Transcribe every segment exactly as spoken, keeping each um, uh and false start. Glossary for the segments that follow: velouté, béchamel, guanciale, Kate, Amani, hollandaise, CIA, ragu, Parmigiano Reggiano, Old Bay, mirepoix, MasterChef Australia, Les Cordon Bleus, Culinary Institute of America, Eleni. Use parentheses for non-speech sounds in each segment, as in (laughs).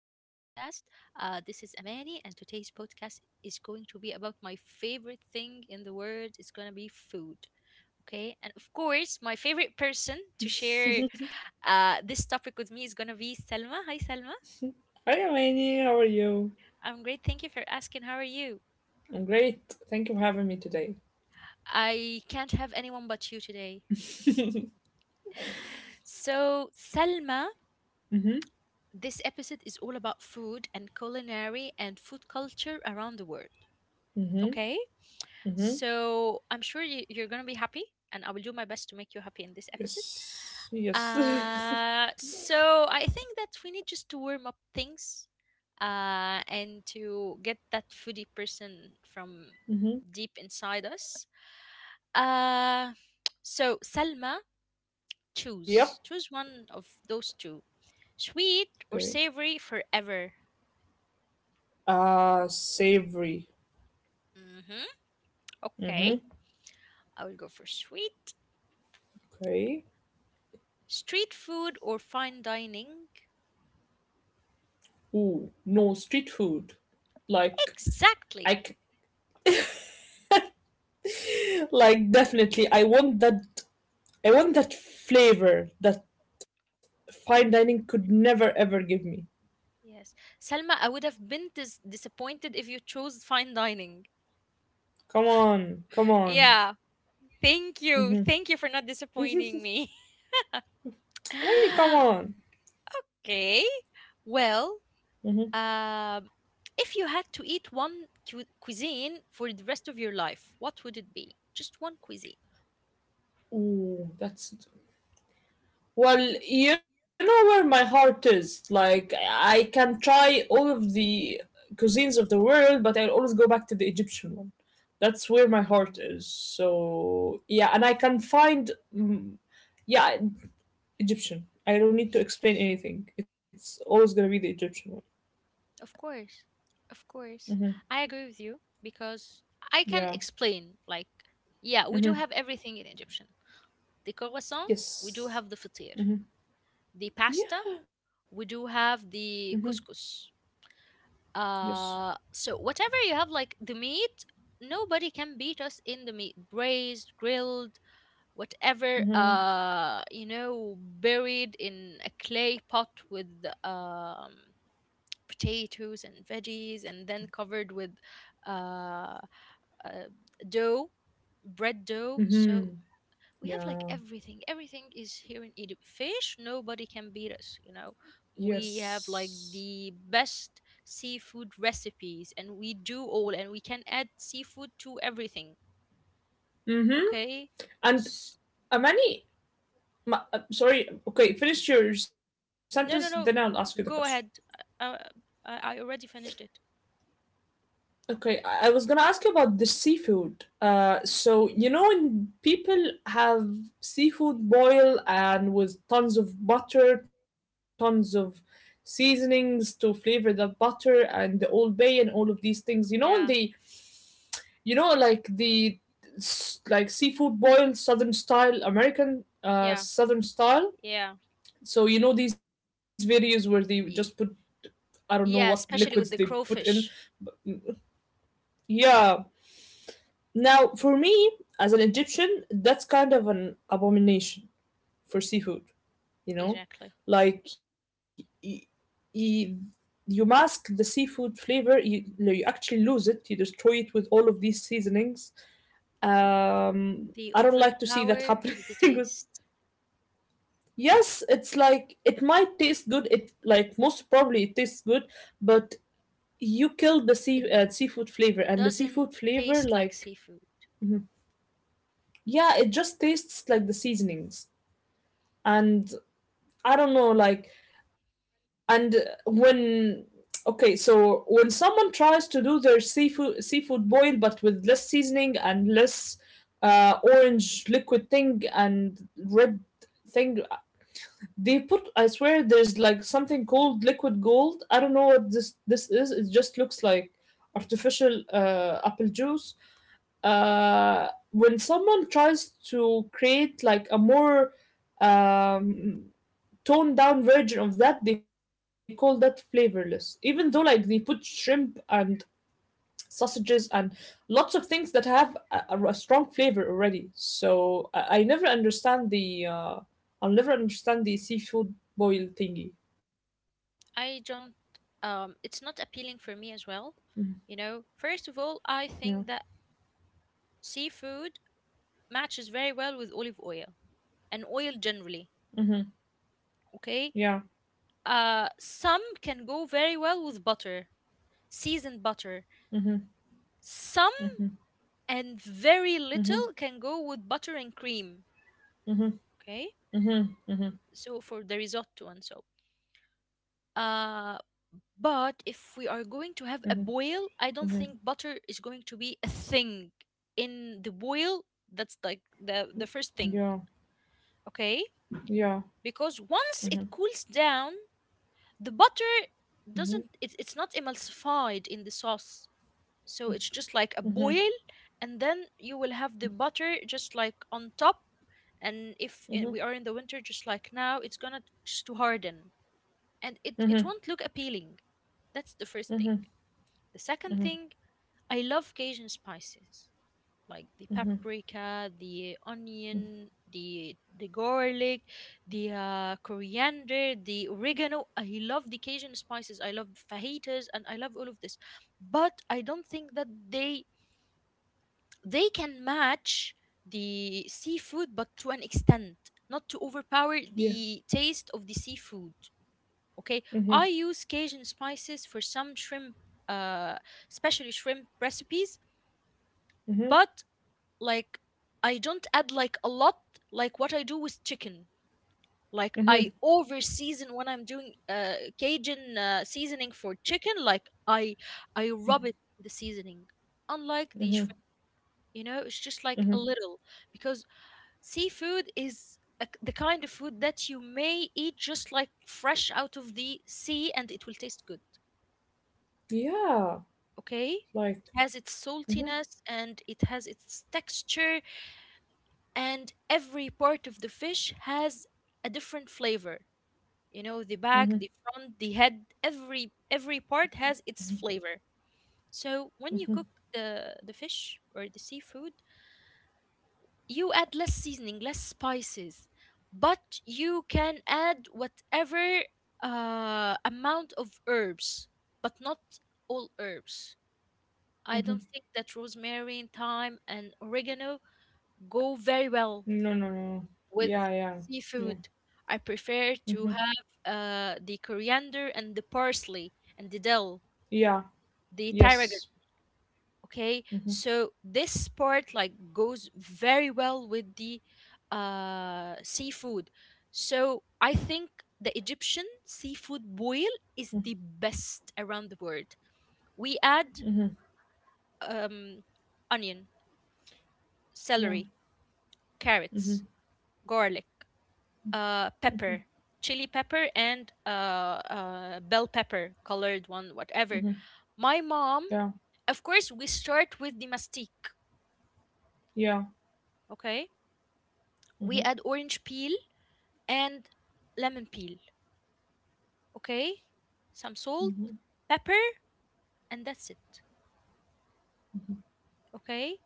podcast. Uh, this is Amani, and today's podcast is going to be about my favorite thing in the world. It's going to be food. Okay, and of course, my favorite person to share uh, this topic with me is going to be Selma. Hi, Selma. Hi, Eleni. How are you? I'm great. Thank you for asking. How are you? I'm great. Thank you for having me today. I can't have anyone but you today. (laughs) mm-hmm. So, Selma, this episode is all about food and culinary and food culture around the world. Mm-hmm. Okay? Mm-hmm. So I'm sure you, you're going to be happy, and I will do my best to make you happy in this episode. Yes. Yes. (laughs) Uh, mm-hmm. so I think that we need just to warm up things uh, and to get that foodie person from deep inside us. Uh, so, Salma, choose. Yep. Choose one of those two, sweet or Okay. savory, forever. Uh, savory. Mm-hmm. Okay, Mm-hmm. I will go for sweet. Okay. Street food or fine dining? Ooh, no street food. Like I, Exactly. c- (laughs) like definitely. I want that. I want that flavor that fine dining Yes. could never ever give me. Yes. Salma, I would have been dis- disappointed if you chose fine dining. Come on. Come on. Yeah. Thank you. Mm-hmm. Thank you for not disappointing (laughs) me. Eleni, come on. (laughs) Okay. Well, Mm-hmm. um, if you had to eat one cu- cuisine for the rest of your life, what would it be? Just one cuisine. Ooh, that's well, you know where my heart is. Like I can try all of the cuisines of the world, but I always go back to the Egyptian one. That's where my Mm. heart is. So yeah, and I can find, mm, yeah, Egyptian. I don't need to explain anything. It's always gonna be the Egyptian Of course. Of course. one. Hmm. I agree with you because I can Yeah. explain. Like, yeah, we do Hmm. have everything in Egyptian. The croissant, we do Yes. have the fatir, Hmm. the pasta, Yeah. we do have Hmm. the couscous. Yes. Uh, so whatever you have, like the meat, nobody can beat us in the meat, braised, grilled, whatever. Hmm. Uh, you know, buried in a clay pot with um potatoes and veggies, and then covered with uh, uh dough, bread dough. So Hmm. we have like Yeah. everything, everything is here in Egypt. Fish, nobody can beat us, you know, we have like Yes. the best seafood recipes, and we do all, and we can add seafood to everything. Mm-hmm. Okay. S- Amani, ma- uh, sorry. Okay, finish your your sentence, then I'll no no ask you the no question. g- go ahead. Uh, I, I already finished it. Okay, I, I was gonna ask you about the seafood. Uh, Yeah, so you know when people have seafood boil and with tons of butter, tons of seasonings to flavor that butter and the Old Bay and all of these things. You know when they, yeah, you know like the s- like seafood boil, Southern style, American, uh yeah, Southern style. yeah. So you know these videos where they just put, Y- I don't know what liquids yeah, they especially put with the in. crowfish. Yeah. Now, for me, as an Egyptian, that's kind of an abomination for seafood, you know? Exactly. Like, y- y- you mask the seafood flavor, you, no, you Mm. actually lose it, you destroy it with all of these seasonings. Um, I They don't like to see that overpower happening (laughs) the with. taste. Yes, it's like it might taste good. It like most probably it tastes good, but you killed the It sea uh, seafood flavor, and the doesn't seafood flavor, taste like like, seafood. Mhm. yeah, it just tastes like the seasonings. And I don't know, like, and uh, when okay, so when someone tries to do their seafood seafood boil but with less seasoning and less uh, orange liquid thing and red thing they put. I swear there's like something called liquid gold. I don't know what this this is. It just looks like artificial uh, apple juice. Uh, when someone tries to create like a more um, toned down version of that, they call that flavorless. Even though like they put shrimp and sausages and lots of things that have a, a- a strong flavor already. So I, I never understand the uh, I'll never understand the seafood boil thingy. I don't. Um it's not appealing for me as Mhm. well. You know, first of all, I Yeah. think that seafood matches very well with olive oil and oil generally, Mm-hmm. okay? Yeah. Uh some can go very well with butter, seasoned butter. Mm-hmm. Some, Mm-hmm. and very Mm-hmm. little can go with butter and cream, Mm-hmm. okay? Mm-hmm. So for the risotto and so. Uh, Mm-hmm. but if we are going to have Mm-hmm. a boil, I don't Mm-hmm. think butter is going to be a thing in the boil. That's like the the first thing, Yeah. okay? Yeah. Because once Mhm. it cools down, the butter Mhm. doesn't it, it's not emulsified in the sauce. So it's just like a Mhm. boil, and then you will have the butter just like on top, and if I- we are Mhm. in the winter just like now, it's going to just to harden, and it it Mhm. won't look appealing. That's the first thing. Mhm. The second Mhm. thing, I love Cajun spices like the Mhm. paprika, the onion, the the garlic, the uh, coriander, the oregano. I love the Cajun spices. I love fajitas and I love all of this. But I don't think that they they can match the seafood but to an extent, not to overpower Yeah. the taste of the seafood. Okay? I Mhm. use Cajun spices for some shrimp, uh especially shrimp recipes, but like I don't add like a lot, like what I do with chicken. Like Mhm. I Mhm. over season when I'm doing uh, Cajun uh, seasoning for chicken. Like I I rub it in the seasoning. Unlike the shrimp, Mhm. you know, it's just like a Mhm. little, because seafood is a k the kind of food that you may eat just like fresh out of the sea and it will taste good. Yeah. Okay, it Like. has its Mhm. saltiness and it has its texture, and every part of the fish has a different flavor. You know, the back, the Mhm. front, the head, every every part has its flavor. So when you cook the the fish or the seafood, you add less seasoning, less spices, but you can add whatever uh, amount of herbs, but not all herbs. I don't Mhm. think that rosemary and thyme and oregano go very well No. No. No. with Yeah. Yeah. Yeah. seafood. I prefer to Mhm. have uh, the coriander and the parsley and the dill, Yeah. the tarragon. Yes. Okay, Mhm. so this part like goes very well with the uh, seafood. So I think the Egyptian seafood boil Mhm. is the best around the world. We add Mhm. um, onion, Yeah. celery, Mhm. carrots, garlic, uh, pepper, chili pepper, and uh, uh, bell pepper, colored one, whatever. Mhm. My mom, Yeah. of course, we start with the mastic, Yeah. okay? We Mhm. add orange peel and lemon peel, okay? Some salt, Mhm. pepper, and that's it, okay?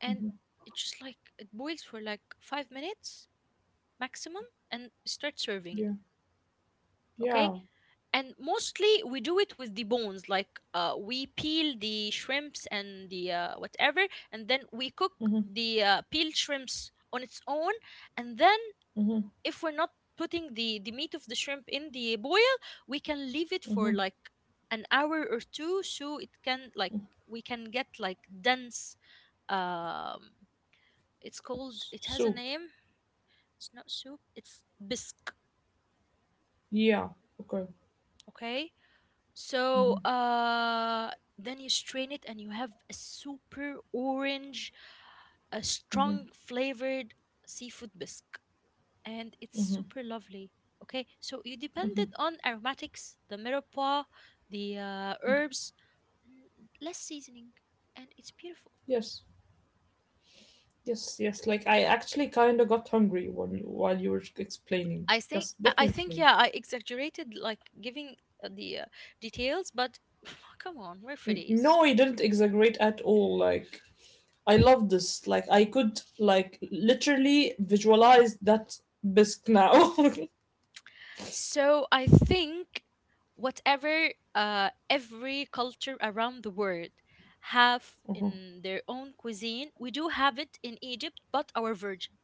And Mhm. it just like it boils for like five minutes maximum and start serving, Yeah. okay? Yeah. And mostly we do it with the bones. Like uh, we peel the shrimps and the uh, whatever, and then we cook Mhm. the uh, peeled shrimps on its own. And then Mhm. if we're not putting the the meat of the shrimp in the boil, we can leave it for Mhm. like an hour or two, so it can like, Mhm. we can get like dense, um it's called, S- it has a Soup. name, it's not soup, it's bisque, Yeah. Okay. okay? So Mhm. uh, then you strain it, and you have a super orange, a Mhm. strong flavored seafood bisque, and it's Mhm. super lovely. Okay, so you Mhm. depended on aromatics, the mirepoix, the uh, Mhm. herbs, and less seasoning, and it's beautiful. Yes. Yes, yes. Like I actually kind of got hungry when you, while you were explaining. I think Yes, I I think definitely. yeah, I exaggerated like giving uh, the uh, details, but (laughs) (sighs) come on, we're N- foodies. No, you didn't exaggerate at all. Like I love this. Like I could, like, literally visualize that bisque now. (laughs) So I think whatever uh, every culture around the world have Uh-huh. in their own cuisine, we do have it in Egypt, but our version.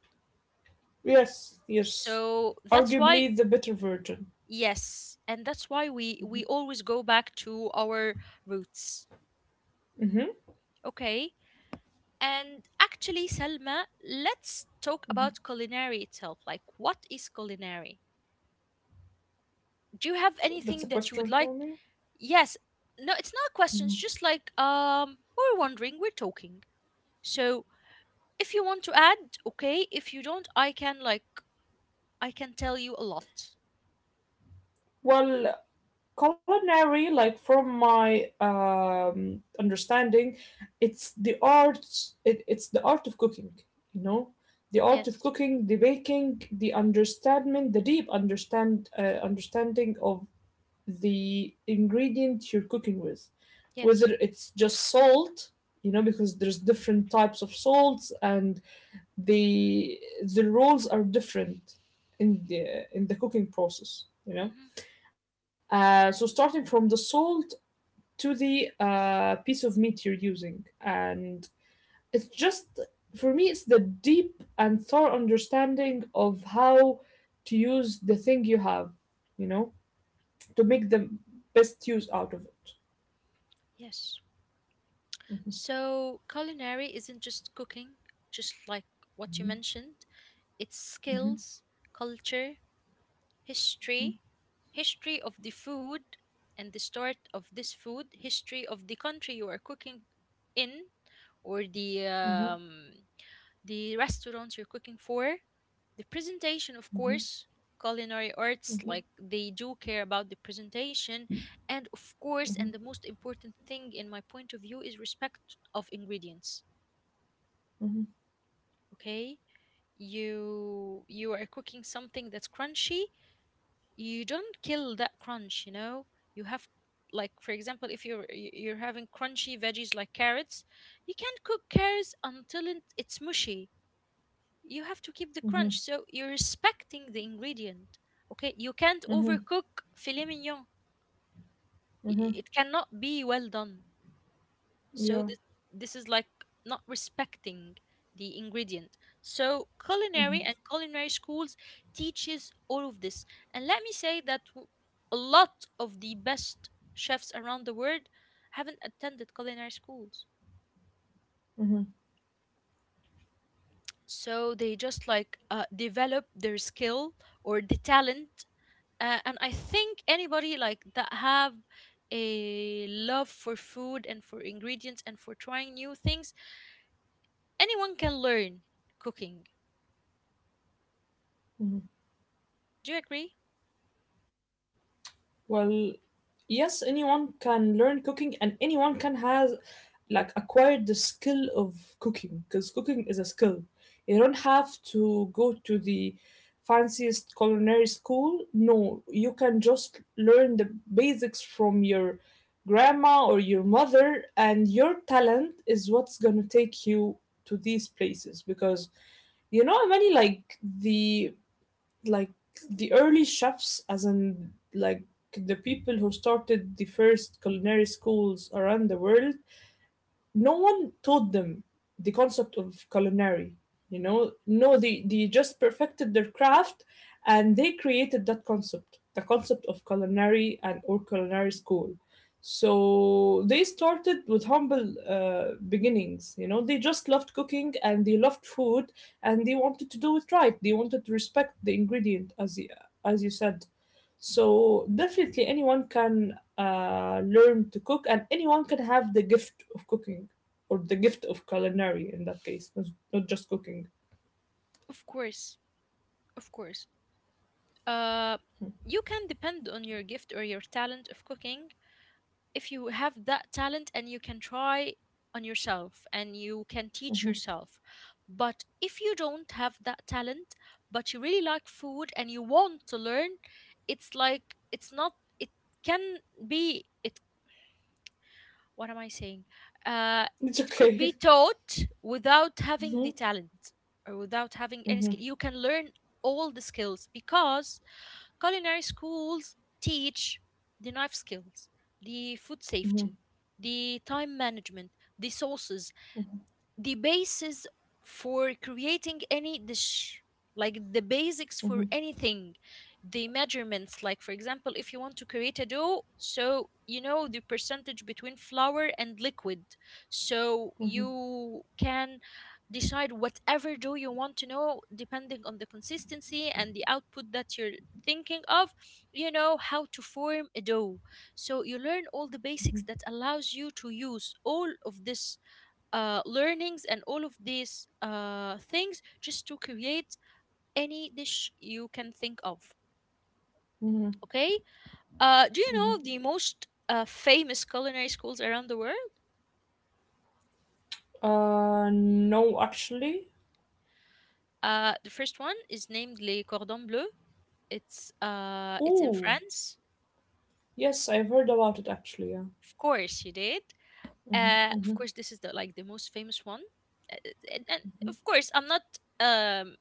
Yes, yes. So that's why, Arguably the better version. yes, and that's why we we always go back to our roots. Mm-hmm. Okay. And actually, Salma, let's talk about culinary itself. Like, what is culinary? Do you have That's a anything that you would question like? for me. Yes. No, it's not a question, it's just like, um we're wondering, we're talking. So if you want to add, okay, if you don't, I can like, I can tell you a lot. Well, culinary, like, from my um, understanding, it's the art it, it's the art of cooking, you know, the art of Yes. cooking, the baking, the understanding, the deep understand uh, understanding of the ingredient you're cooking with, Yes. whether it's just salt. You know, because there's different types of salts, and the the roles are different in the in the cooking process, Hmm. you know. Uh, so starting from the salt to the uh, piece of meat you're using. And it's just, for me, it's the deep and thorough understanding of how to use the thing you have, you know, to make the best use out of it. Yes, Mhm. so culinary isn't just cooking, just like what you Mhm. mentioned. It's skills, culture, history, history of the food, and the start of this food history of the country you are cooking in, or the Mhm. um, the restaurant you're cooking for, the presentation of Mhm. course. Culinary arts, like they do care about the presentation, and of Mhm. course, and Mhm. the most important thing in my point of view is respect of ingredients. Mhm. Okay, you you are cooking something that's crunchy, you don't kill that crunch, you know, you have, like for example, if you're y- you're having crunchy veggies like carrots, you can't cook carrots until it- it's mushy, you have to keep the Mhm. crunch. So you're respecting the ingredient. Okay, you can't Mhm. Mhm. Mhm. overcook filet mignon. Y- Mhm. It cannot be well done. So Yeah. this this is like not respecting the ingredient. So culinary Mhm. and culinary schools teaches all of this. And let me say that w- a lot of the best chefs around the world haven't attended culinary schools. Mhm. So they just like uh, develop their skill or the talent. Uh, and I think anybody like that have a love for food and for ingredients and for trying new things, anyone can learn cooking. Mhm. Do you agree? Well, yes, anyone can learn cooking, and anyone can has, like, acquired the skill of cooking, because cooking is a skill. You don't have to go to the fanciest culinary school. No, you can just learn the basics from your grandma or your mother, and your talent is what's going to take you to these places, because you know many, like the like the early chefs, as in, like, the people who started the first culinary schools around the world, no one taught them the concept of culinary. You know, no, they, they just perfected their craft, and they created that concept the concept of culinary, and or culinary school. So they started with humble uh, beginnings, you know, they just loved cooking and they loved food, and they wanted to do it right, they wanted to respect the ingredient, as you, as you said. So definitely anyone can uh, learn to cook, and anyone can have the gift of cooking, or the gift of culinary in that case, not, not just cooking. Of course, of course. Uh, you can depend on your gift or your talent of cooking if you have that talent, and you can try on yourself and you can teach Hmm. yourself. But if you don't have that talent, but you really like food and you want to learn, it's like, it's not, it can be it, what am I saying? Uh, It's it could be okay. taught without having Hmm. the talent or without having any Hmm. skill. You can learn all the skills, because culinary schools teach the knife skills, the food Hmm. safety, the time management, the sauces, the basis for creating any dish, like the basics for Hmm. anything, the measurements. Like for example, if you want to create a dough, so you know the percentage between flour and liquid, so Hmm. you can decide whatever dough you want to know depending on the consistency and the output that you're thinking of. You know how to form a dough. So you learn all the basics that allows you to use all of this uh, learnings and all of these uh, things just to create any dish you can think of. Hmm. Okay. Uh, do you Hmm. know the most uh, famous culinary schools around the world? Uh, no, actually. Uh, the first one is named Les Cordons Bleus. It's uh, it's in Oh, France. yes, I've heard about it actually, yeah. Of course, you did. Hmm. Uh, of Hmm. course, this is the like the most famous one. Uh, uh, And, and of course, I'm not um,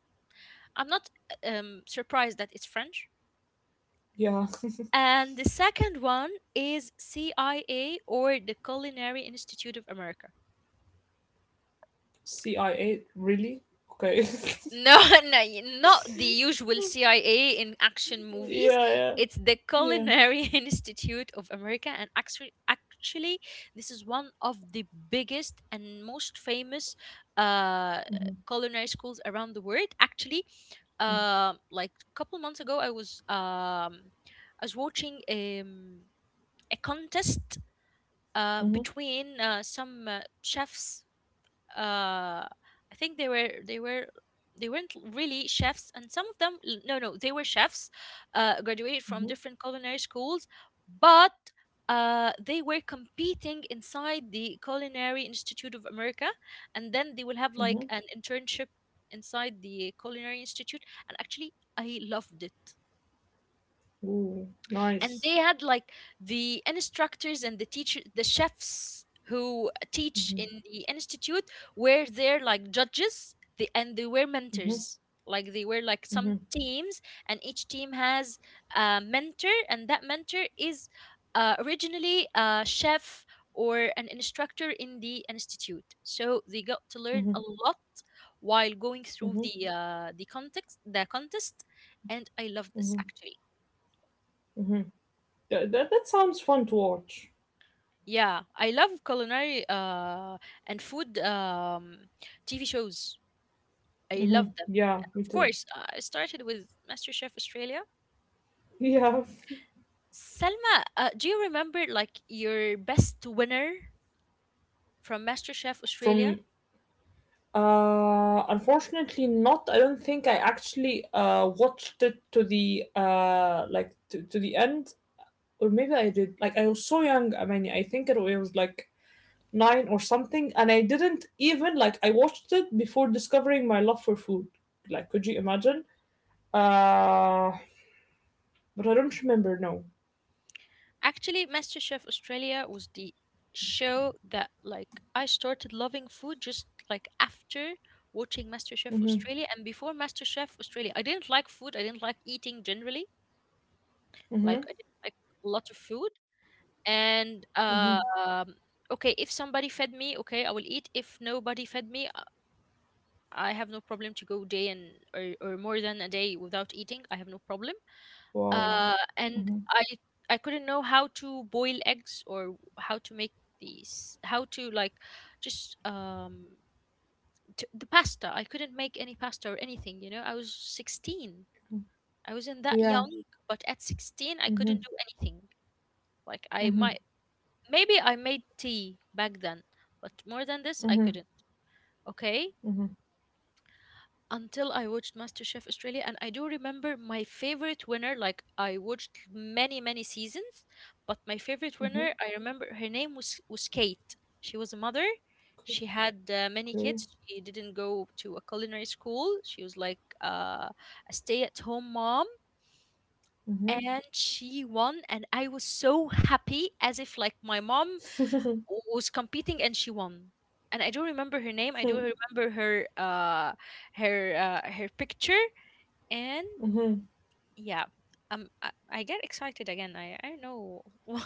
I'm not uh, um, surprised that it's French. Yeah. And the second one is C I A, or the Culinary Institute of America. (laughs) C I A, really? Okay. No, (laughs) no, y- not the usual C I A in action (laughs) movies. yeah, yeah, It's the yeah. Culinary (laughs) Institute of America, and actually, actually, this is one of the biggest and most famous uh, Hmm. culinary schools around the world. Actually, um, like a couple months ago, I was um, I was watching um, a contest, uh, Hmm. between uh, some uh, chefs. Uh, I think they were they were they weren't really chefs, and some of them l- no no they were chefs, uh, graduated from different culinary schools, but uh, they were competing inside the Culinary Institute of America, and then they will have like Mhm. an internship inside the Culinary Institute, and actually I loved it, Ooh, and nice. they had like the instructors and the teacher the chefs who teach Mhm. in the institute were there like judges, the, and they were Mhm. mentors, like they were like some Mhm. teams, and each team has a mentor, and that mentor is uh, originally a chef or an instructor in the institute, so they got to learn a Mhm. lot while going through Mhm. the uh, the context the contest, and I love this Mhm. actually. Mhm. That, that that sounds fun to watch. Yeah, I love culinary uh, and food um, T V shows. I love them. Yeah, And me of too. course, uh, I started with MasterChef Australia. (laughs) Yeah. Selma, uh, do you remember like your best winner from MasterChef Australia? From uh Unfortunately not. I don't think I actually uh watched it to the uh like to, to the end, or maybe I did. Like, I was so young. I mean, I think it was like nine or something, and I didn't even, like, I watched it before discovering my love for food, like, could you imagine? uh but I don't remember now. Actually, MasterChef Australia was the show that like I started loving food just like after watching MasterChef Mhm. Australia, and before MasterChef Australia, I didn't like food. I didn't like eating generally. Like, Mhm. I didn't like a lot of food. And Mhm. Uh, um, okay, if somebody fed me, okay, I will eat. If nobody fed me uh, I have no problem to go day and or, or more than a day without eating. I have no problem. Wow. Uh, and Mhm. i i couldn't know how to boil eggs or how to make these how to like just um t- the pasta. I couldn't make any pasta or anything. You know, I was sixteen. Mhm. I wasn't that Yeah. young, but at sixteen I couldn't Mhm. do anything. Like I Mhm. might Maybe I made tea back then, but more than this, I Mhm. couldn't. Okay? Mhm. Until I watched MasterChef Australia, and I do remember my favorite winner. Like, I watched many, many seasons, but my favorite Mhm. winner, I remember her name was, was Kate. She was a mother. Okay. She had uh, many Okay. kids. She didn't go to a culinary school. She was like uh, a stay at home mom. Mhm. And she won, and I was so happy as if like my mom (laughs) w- was competing and she won. And I do remember her name. I do remember her uh her uh, her picture. And mhm. Yeah. Um I, I get excited again. I I don't know. (laughs)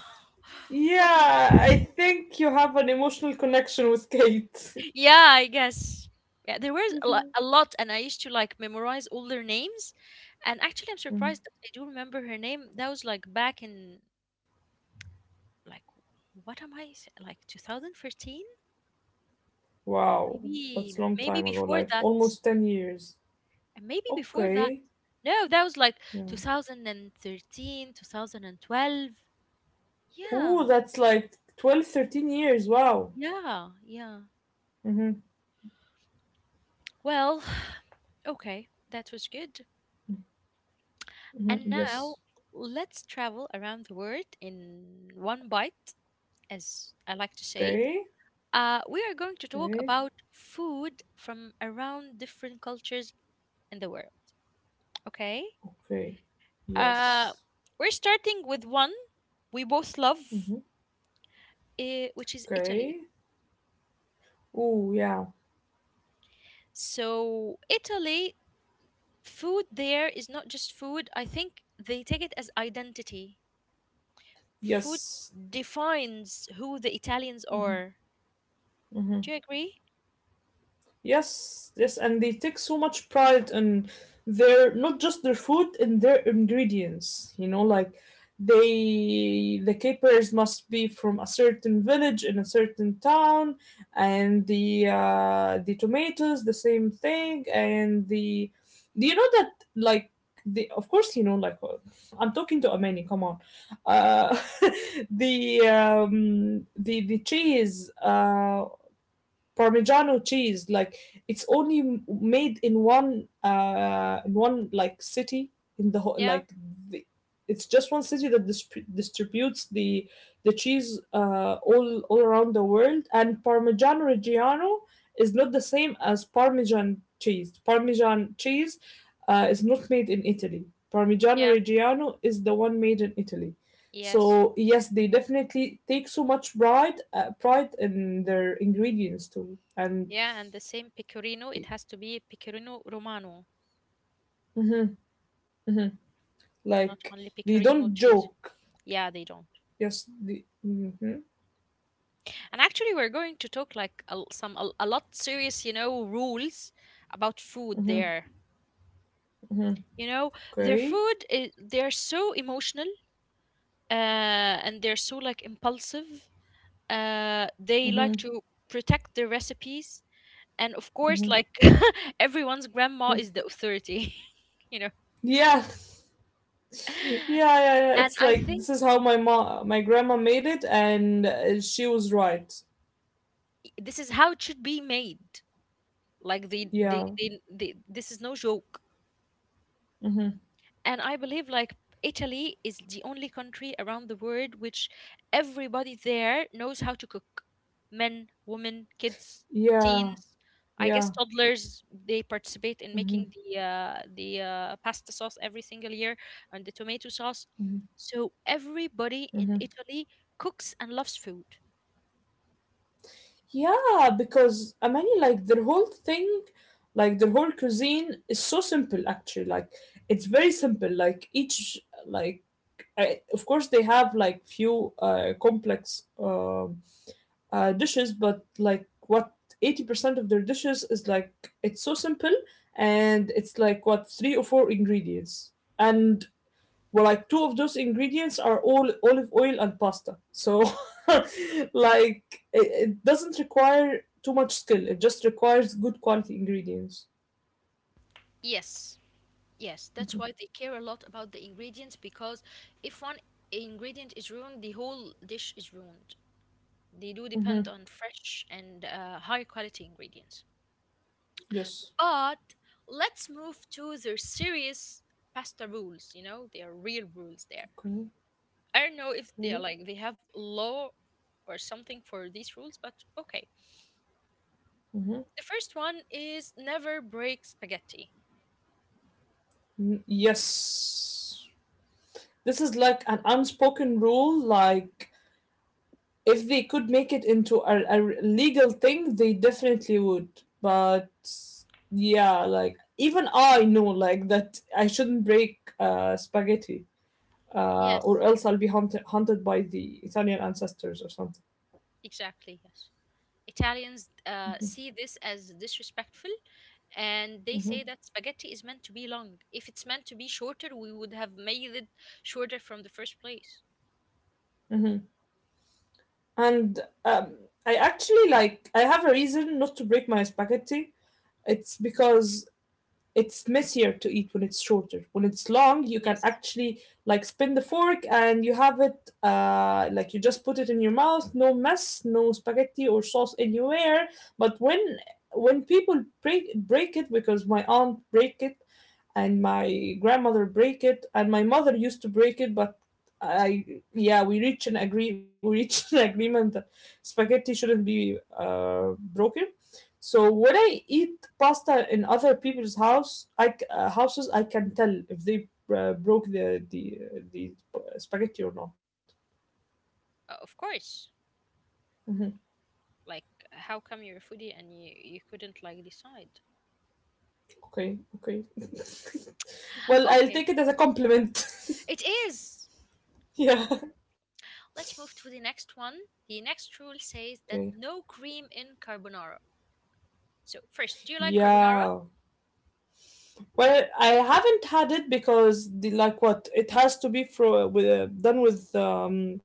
Oh, Yeah, I think you have an emotional connection with Kate. (laughs) yeah, I guess. Yeah, there was a lot, Mhm. a lot, and I used to like memorize all their names. And actually I'm Mhm. surprised that I do remember her name. That was like back in like what am I s- like twenty thirteen? Wow, that's Maybe a long maybe time ago, before like that. almost ten years. And maybe before that. Okay. No, that was like two Yeah. thousand and thirteen, two thousand and twelve. Yeah, Ooh, that's like twelve, thirteen years. Wow. yeah, yeah. Mm-hmm. Well, (sighs) okay, that was good. And Mm-hmm. now Yes. let's travel around the world in one bite, as I like to Okay. say. Uh, we are going to talk Okay. about food from around different cultures in the world. Okay? Okay. Uh, Yes. we're starting with one we both love, Hmm. uh, which is Italy. Okay. Oh, yeah. So, Italy, food there is not just food. I think they take it as identity. Food Yes. defines who the Italians Hmm. are. Hmm. Do you agree? Yes, yes, and they take so much pride in their, not just their food, in their ingredients. You know, like, they the capers must be from a certain village in a certain town, and the uh, the tomatoes the same thing, and the do you know that, like, the of course you know, like, uh, I'm talking to Amani. Come on. Uh, (laughs) the um the the cheese, uh Parmigiano cheese, like, it's only made in one uh in one, like, city in the whole, Yeah, like, the, it's just one city that dis distributes the the cheese uh all all around the world. And Parmigiano Reggiano is not the same as Parmesan cheese. Parmesan cheese uh, is not made in Italy. Parmigiano yeah, Reggiano is the one made in Italy. yes. So yes, they definitely take so much pride uh, pride in their ingredients too, and Yeah, and the same pecorino, it has to be pecorino romano, Mhm. not like only they pecorino don't cheese. joke. Yeah, they don't. Yes, they, hmm. And actually, we're going to talk like a, l- some a, a lot serious, you know, rules about food Hmm. there. You know, their Okay. food is they're so emotional uh, and they're so like impulsive. Uh, they Hmm. like to protect their recipes, and of course, like (laughs) everyone's grandma is the authority, (laughs) you know. Yeah. (laughs) yeah, yeah, yeah. And It's I like, think this is how my mom, my grandma made it, and uh, she was right. this is how it should be made. Like they, they, Yeah, they, they this is no joke. hmm. And I believe like Italy is the only country around the world which everybody there knows how to cook, men, women, kids, Yeah, teens. I guess yeah. toddlers, they participate in making Hmm. the uh, the uh, pasta sauce every single year, and the tomato sauce. So everybody in Italy cooks and loves food. Yeah, because I like their whole thing, like, their whole cuisine is so simple, actually. Like, it's very simple. Like each, like I, of course they have like few uh, complex um uh, dishes, but, like, what, eighty percent of their dishes is, like, it's so simple, and it's like, what, three or four ingredients, and, well, like, two of those ingredients are all olive oil and pasta, so (laughs) like it, it doesn't require too much skill, it just requires good quality ingredients. Yes, yes, that's why they care a lot about the ingredients, because if one ingredient is ruined, the whole dish is ruined. They do depend Mm-hmm. on fresh and uh, high quality ingredients. Yes. But let's move to their serious pasta rules. You know, they are real rules there. Okay. I don't know if they are Okay. like they have law or something for these rules, but okay. Mm-hmm. The first one is never break spaghetti. Mm, yes, this is like an unspoken rule, like, if they could make it into a, a legal thing they definitely would. But yeah, like, even I know like that I shouldn't break uh spaghetti, uh, or Yes, else I'll be hunted hunted by the Italian ancestors or something. exactly. Yes, Italians uh, see this as disrespectful, and they Hmm. say that spaghetti is meant to be long. If it's meant to be shorter, we would have made it shorter from the first place. Hmm. And um, I actually, like, I have a reason not to break my spaghetti. It's because it's messier to eat when it's shorter. When it's long, you can Yes, actually, like, spin the fork and you have it, uh, like, you just put it in your mouth. No mess, no spaghetti or sauce anywhere. But when when people break break it, because my aunt break it and my grandmother break it and my mother used to break it, but I yeah, we reached an agree we reached (laughs) an agreement that spaghetti shouldn't be uh, broken. So when I eat pasta in other people's house I, c- uh, houses, I can tell if they uh, broke the the the spaghetti or not. uh, of course. Mhm. Like, how come you're a foodie and you, you couldn't like decide? okay okay (laughs) well I'll take Okay, it as a compliment (laughs) it is. yeah. Let's move to the next one. The next rule Okay. says that no cream in carbonara. So first, do you like carbonara? Yeah. Well, I haven't had it because the like what it has to be fro- with uh, done with um,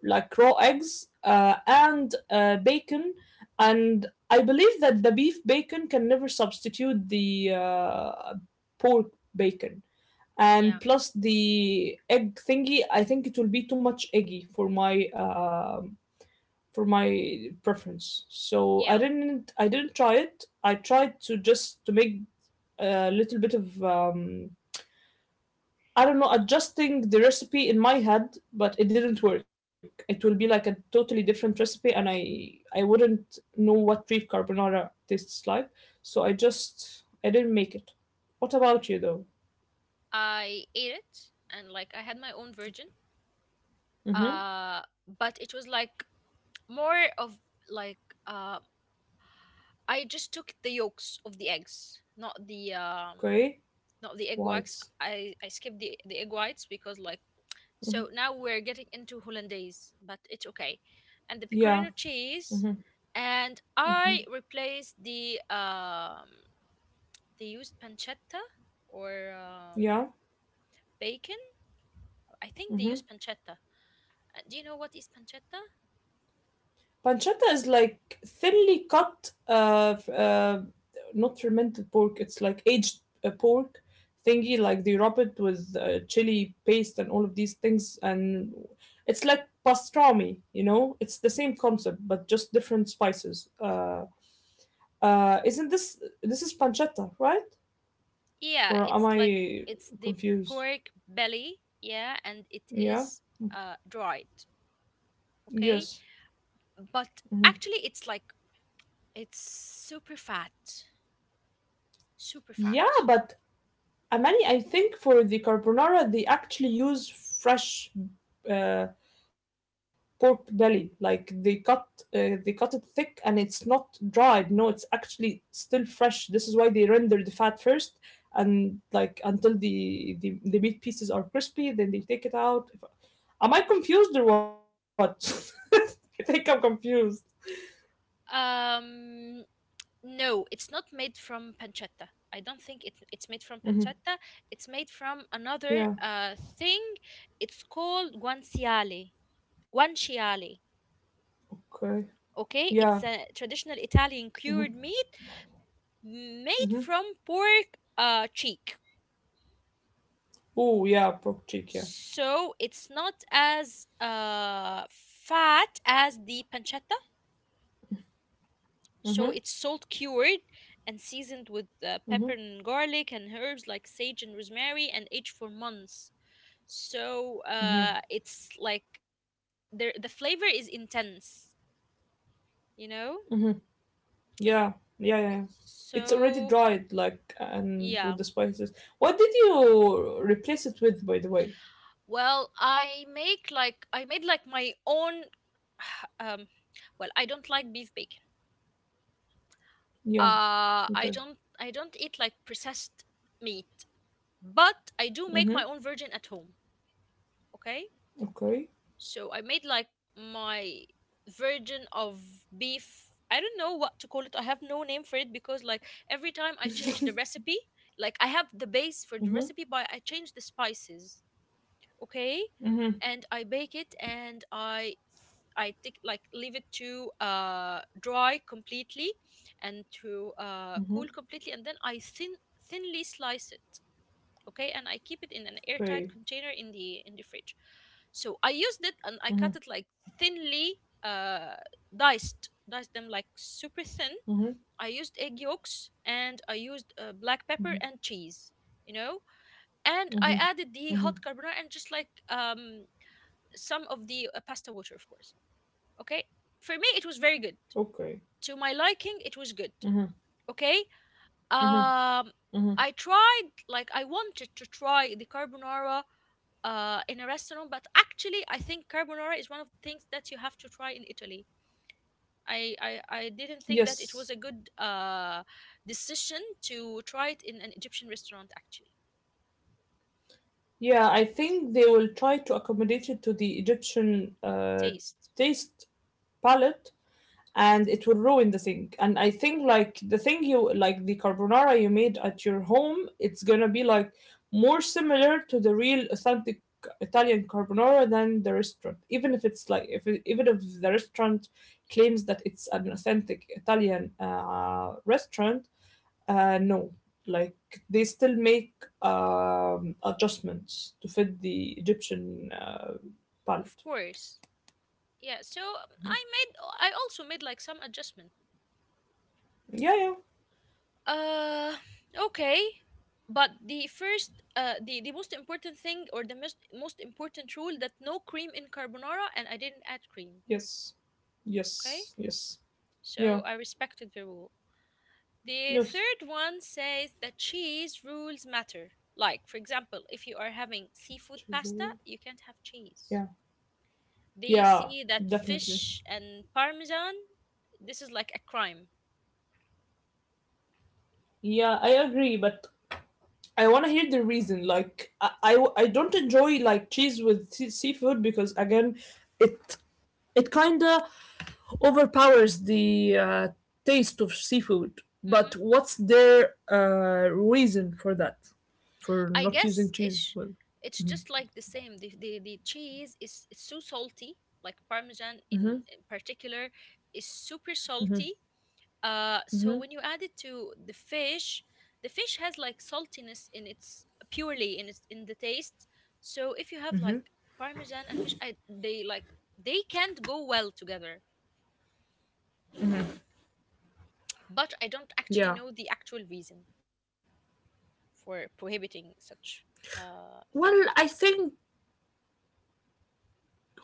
like raw eggs uh, and uh, bacon, and I believe that the beef bacon can never substitute the uh, pork bacon. And Yeah, plus the egg thingy, I think it will be too much eggy for my um for my preference. So I yeah. didn't I didn't try it. I tried to just to make a little bit of um, I don't know, adjusting the recipe in my head, but it didn't work. It will be like a totally different recipe, and I I wouldn't know what beef carbonara tastes like. So I just I didn't make it. What about you though? I ate it, and like I had my own version. Mm-hmm. Uh, but it was like more of like uh, I just took the yolks of the eggs, not the um, Gray, not the egg whites. whites. I I skipped the the egg whites because like Mm-hmm. so now we're getting into hollandaise, but it's okay. Yeah. And the pecorino Mm-hmm. cheese, and Mm-hmm. I replaced the um they used pancetta or um, Yeah. bacon. I think they use pancetta. Uh, Do you know what is pancetta? Pancetta is like thinly cut, uh, f- uh, not fermented pork. It's like aged uh, pork thingy. Like they rub it with uh, chili paste and all of these things, and it's like pastrami. You know, it's the same concept but just different spices. Uh, uh, isn't this this is pancetta, right? Yeah, Or am it's like I it's the confused? pork belly, yeah, and it Yeah. is uh dried, okay? Yes. But Mhm. actually it's like it's super fat, super Yeah, fat. but Amani, I think for the carbonara they actually use fresh uh, pork belly. Like they cut uh, they cut it thick and it's not dried. No, it's actually still fresh. This is why they render the fat first and like until the the, the meat pieces are crispy, then they take it out. If- Am I confused or what? (laughs) I think I'm confused. Um no, it's not made from pancetta. I don't think it, it's made from Hmm. pancetta. It's made from Yeah. another uh thing. It's called guanciale. Guanciale. Okay. Yeah. Okay, it's a traditional Italian cured meat made Mm-hmm. from pork uh cheek. Oh yeah, pork cheek. Yeah. So it's not as uh, fat as the pancetta. Mm-hmm. So it's salt cured and seasoned with uh, Mm-hmm. pepper and garlic and herbs like sage and rosemary, and aged for months. So Mm-hmm. uh, it's like there the flavor is intense, you know? Mm-hmm. Yeah, yeah, yeah, yeah. It's already So dried, like, and yeah. with the spices. What did you replace it with, by the way? Well, I make like I made like my own (sighs) um well, I don't like beef bacon. Yeah, Uh, me I too. don't I don't eat like processed meat, but I do make my Mm-hmm. own virgin at home. Okay, Okay. so I made like my virgin of beef. I don't know what to call it. I have no name for it, because like every time I change the Mm-hmm. recipe, like I have the base for the (laughs) Mm-hmm. recipe, but I change the spices, okay, and I bake it, and i i take like leave it to uh dry completely and to uh cool Mm-hmm. completely, and then i thin thinly slice it, okay, and I keep it in an airtight Okay. container in the in the fridge. So I used it, and I cut Mm-hmm. it like thinly, uh diced diced them like super thin. Mm-hmm. I used egg yolks, and I used uh, black pepper Mm-hmm. and cheese, you know, and I Mm-hmm. added the Mm-hmm. hot carbonara and just like um some of the uh, pasta water, of course. Okay, for me it was very good. Okay. To my liking, it was good. Mm-hmm. Okay, Mm-hmm. um, Mm-hmm. I tried like I wanted to try the carbonara uh in a restaurant, but actually I think carbonara is one of the things that you have to try in Italy. I, I, I didn't think Yes. that it was a good uh, decision to try it in an Egyptian restaurant actually. Yeah, I think they will try to accommodate it to the Egyptian uh, Taste. taste palette and it will ruin the thing. And I think like the thing you like the carbonara you made at your home, it's gonna be like more similar to the real authentic Italian carbonara than the restaurant. Even if it's like if it, even if the restaurant claims that it's an authentic Italian uh, restaurant, uh, no, like they still make um, adjustments to fit the Egyptian uh, Of palate. course. Yeah, so um, I made I also made like some adjustment. Yeah, yeah, Uh okay. But the first uh the, the most important thing or the most most important rule that no cream in carbonara, and I didn't add cream, yes, okay? yes, yes. So Yeah. I respected the rule. The Yes. third one says that cheese rules matter. Like, for example, if you are having seafood pasta, Children. you can't have cheese. Yeah. They Yeah. see that Definitely. fish and parmesan, this is like a crime. Yeah, I agree, but I want to hear the reason. Like, I, I, I don't enjoy like cheese with sea- seafood because again, it it kind of overpowers the uh, taste of seafood. Hmm, But what's their uh, reason for that? For I not guess using cheese it's with? it's just like the same. The the, the cheese is, is so salty, like parmesan in, Hmm. in particular, is super salty. Uh, so when you add it to the fish, the fish has like saltiness in its purely in its in the taste. So if you have like parmesan and fish, I they like they can't go well together. But I don't actually know Yeah. the actual reason for prohibiting such uh Well, I thing. think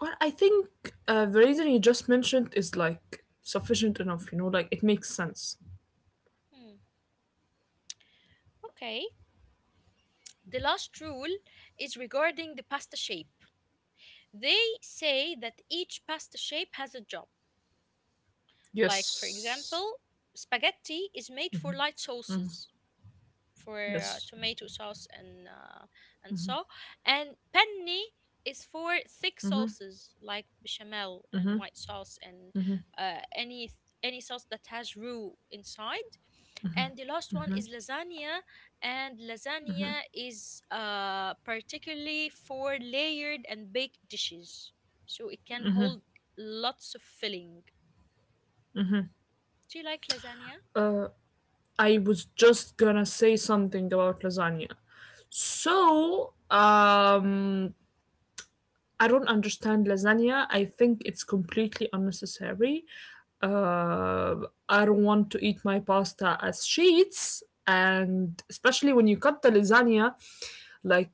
Well, I think uh, the reason you just mentioned is like sufficient enough, you know, like it makes sense. Hmm. Okay. The last rule is regarding the pasta shape. They say that each pasta shape has a job. Like for Yes, example, spaghetti is made for light sauces for uh, yes. tomato sauce and uh, and so and penne is for thick sauces like bechamel and white sauce and uh, any any sauce that has roux inside, and the last one is lasagna, and lasagna is uh, particularly for layered and baked dishes, so it can hold lots of filling. Do you like lasagna? Uh, I was just gonna say something about lasagna. So, um, I don't understand lasagna. I think it's completely unnecessary. Uh, I don't want to eat my pasta as sheets. And especially when you cut the lasagna, like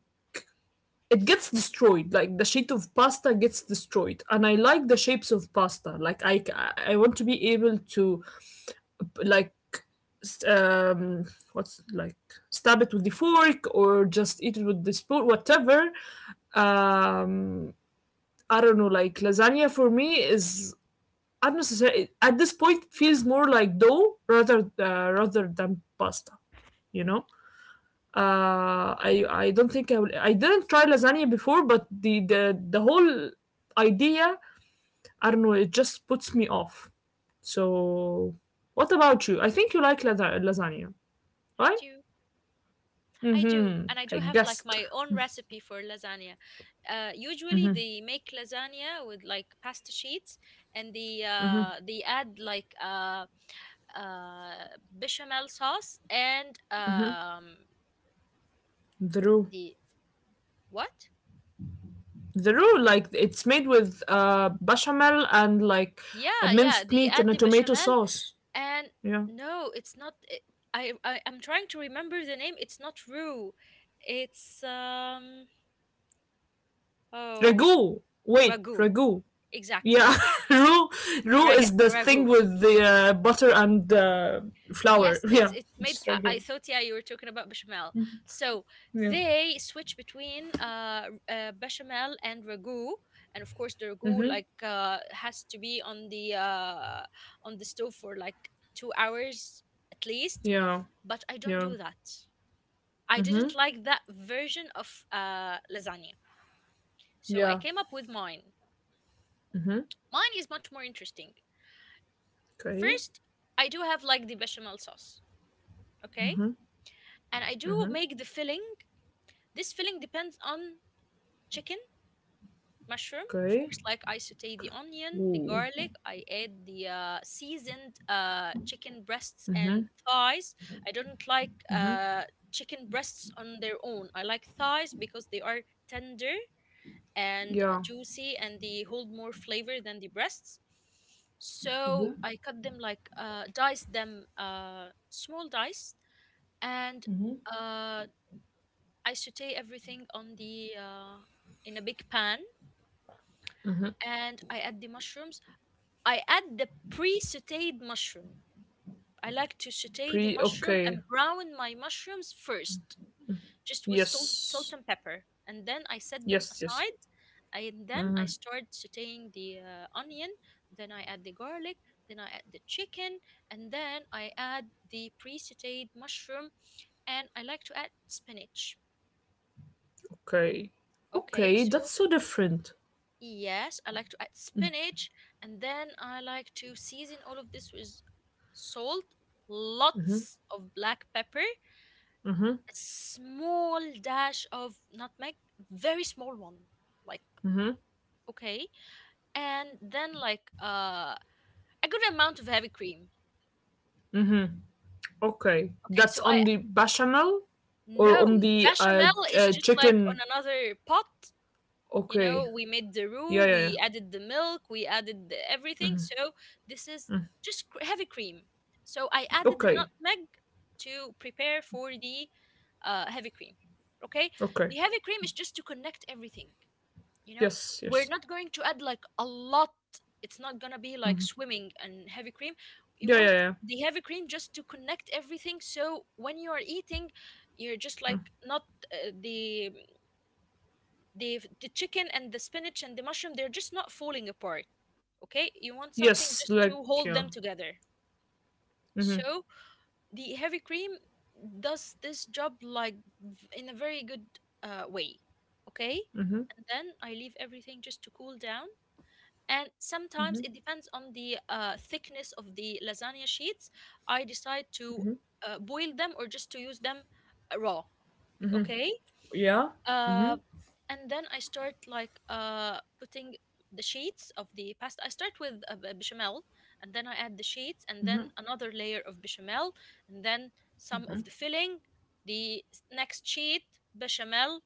it gets destroyed like the sheet of pasta gets destroyed and I like the shapes of pasta like I I want to be able to like s- um what's like stab it with the fork or just eat it with the spoon whatever um I don't know like lasagna for me is unnecessary at this point it feels more like dough rather uh, rather than pasta you know. uh, I I don't think I will. I didn't try lasagna before, but the the the whole idea, I don't know, it just puts me off. So, what about you? I think you like lasa- lasagna, I right? do. I do, Mm-hmm. and I do I have like guessed my own recipe for lasagna. Uh, usually they make lasagna with like pasta sheets, and they uh, they add like uh, uh, bechamel sauce and um, the roux. the what? The roux, like it's made with uh bechamel and like a Yeah, yeah, minced they meat add and a the tomato bechamel, sauce. and Yeah, no, it's not. It, I, I I'm trying to remember the name. It's not roux. It's um oh, ragu. Wait, ragu, ragu. exactly. Yeah, (laughs) roux roux Rag is the Ragu. thing with the uh, butter and uh, flour. Yes, (laughs) it's Yeah, it's made. it's I, very I good. thought, yeah, you were talking about bechamel. So Yeah. they switch between uh, uh bechamel and ragu, and of course the ragu Mhm. like uh has to be on the uh on the stove for like two hours at least. Yeah. But I don't Yeah. do that. I didn't Mhm. like that version of uh lasagna, so I Yeah. came up with mine. Mhm. Mine is much more interesting. Okay. First, I do have like the bechamel sauce, okay, and I do make the filling. This filling depends on chicken, mushroom, of Okay. course. Like I saute the onion, the Ooh. garlic. I add the uh, seasoned uh, chicken breasts and Mhm. thighs. I don't like Mhm. uh, chicken breasts on their own. I like thighs because they are tender and Yeah. juicy, and they hold more flavor than the breasts. So I cut them like uh, dice them uh, small dice and uh, I saute everything on the uh, in a big pan, and I add the mushrooms. I add the pre-sautéed mushroom. I like to sauté the Pre. mushroom Okay. and brown my mushrooms first, just with salt, salt Yes. and pepper, and then I set them Yes. Yes. aside. And then I start sautéing the uh, onion. Then I add the garlic. Then I add the chicken, and then I add the pre-sautéed mushroom, and I like to add spinach. Okay. Okay, Okay. so That's so different. yes, I like to add spinach, and then I like to season all of this with salt, lots of black pepper, a Mhm. small dash of nutmeg, very small one. Like, Mhm. okay. And then like uh a good amount of heavy cream. Okay. Okay, That's so I on the bechamel or no, on the the uh, bechamel ch- is uh just like on chicken. another pot. You know, Okay. we made the roux, Yeah. Yeah. we Yeah. added the milk, we added the everything. So this is just cr- heavy cream. So I added the Okay. nutmeg to prepare for the uh, heavy cream. Okay, the Okay. heavy cream is just to connect everything. You know, Yes, we're not yes. going to add like a lot. It's not gonna be like swimming and heavy cream. Yeah, You yeah, want yeah. the heavy cream just to connect everything. So when you are eating, you're just like not, uh, the the the chicken and the spinach and the mushroom, they're just not falling apart. Okay, you want something Yes, just to like hold them yeah. together, Mm-hmm. so the heavy cream does this job like v- in a very good uh, way. Okay. And Mm-hmm. then I leave everything just to cool down. And sometimes it depends on the uh, thickness of the lasagna sheets, I decide to uh, boil them or just to use them uh, raw. Okay. Yeah. uh, Mm-hmm. and then I start like uh putting the sheets of the pasta. I start with a b- bechamel, and then I add the sheets, and then another layer of bechamel, and then some of the filling. The s- next sheet, bechamel,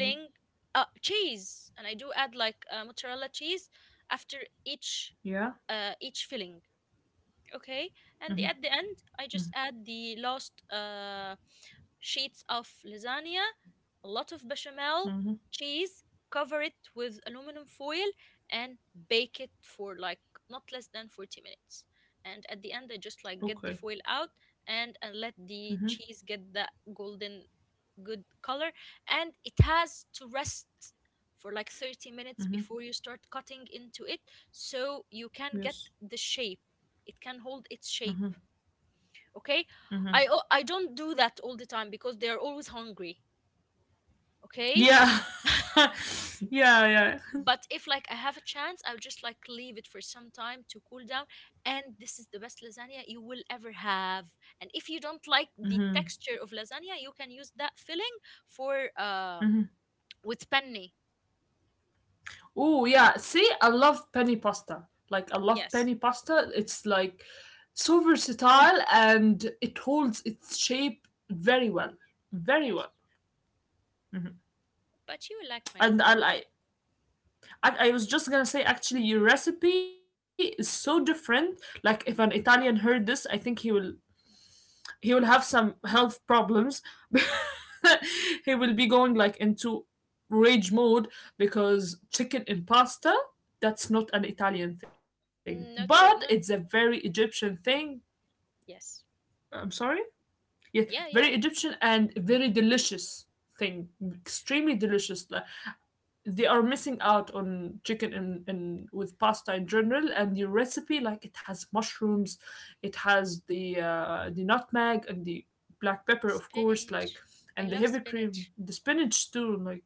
Mm-hmm. uh, cheese, and I do add like uh, mozzarella cheese after each Yeah. uh each filling. Okay. And the, at the end I just add the last uh, sheets of lasagna, a lot of bechamel, Mm-hmm. cheese, cover it with aluminum foil, and bake it for like not less than forty minutes. And at the end I just like get the Okay. foil out, and, and let the cheese get that golden good color. And it has to rest for like thirty minutes before you start cutting into it, so you can get Yes. the shape, it can hold its shape. Okay. I o- i don't do that all the time because they're always hungry. Okay. Yeah. (laughs) yeah, yeah. (laughs) But if like I have a chance, I would just like leave it for some time to cool down. And this is the best lasagna you will ever have. And if you don't like the Mm-hmm. texture of lasagna, you can use that filling for um Mm-hmm. with penne. Oh, yeah. See, I love penny pasta. Like I love Yes, penny pasta. It's like so versatile and it holds its shape very well. Very yes. well. But you will like my And I lasagna. like I, I was just gonna say, actually, your recipe is so different. Like, if an Italian heard this, I think he will He will have some health problems. (laughs) He will be going like into rage mode because chicken in pasta. That's not an Italian thing, Mm, but not it's a your, not, very Egyptian thing. yes. I'm sorry. Yeah, Yeah, very yeah. Egyptian and very delicious thing. Extremely delicious. Like, they are missing out on chicken and, and with pasta in general and your recipe like it has mushrooms it has the uh, the nutmeg and the black The pepper of course like spinach. I and the love heavy cream spinach. the spinach too like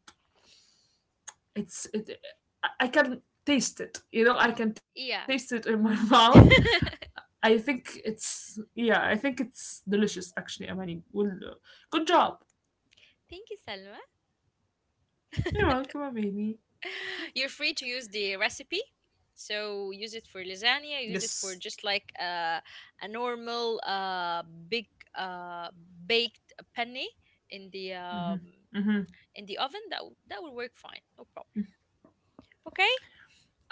it's it I I can taste it you know I can taste it Yeah. in my (laughs) mouth (laughs) I think it's yeah I think it's delicious actually amani well uh, good job. Thank you, Salma. You're welcome amani. (laughs) You're free to use the recipe. So use it for lasagna, Yes. use it for just like uh, a normal uh, big uh, baked penne in the um, in the oven. That w- that will work fine. No problem. Okay?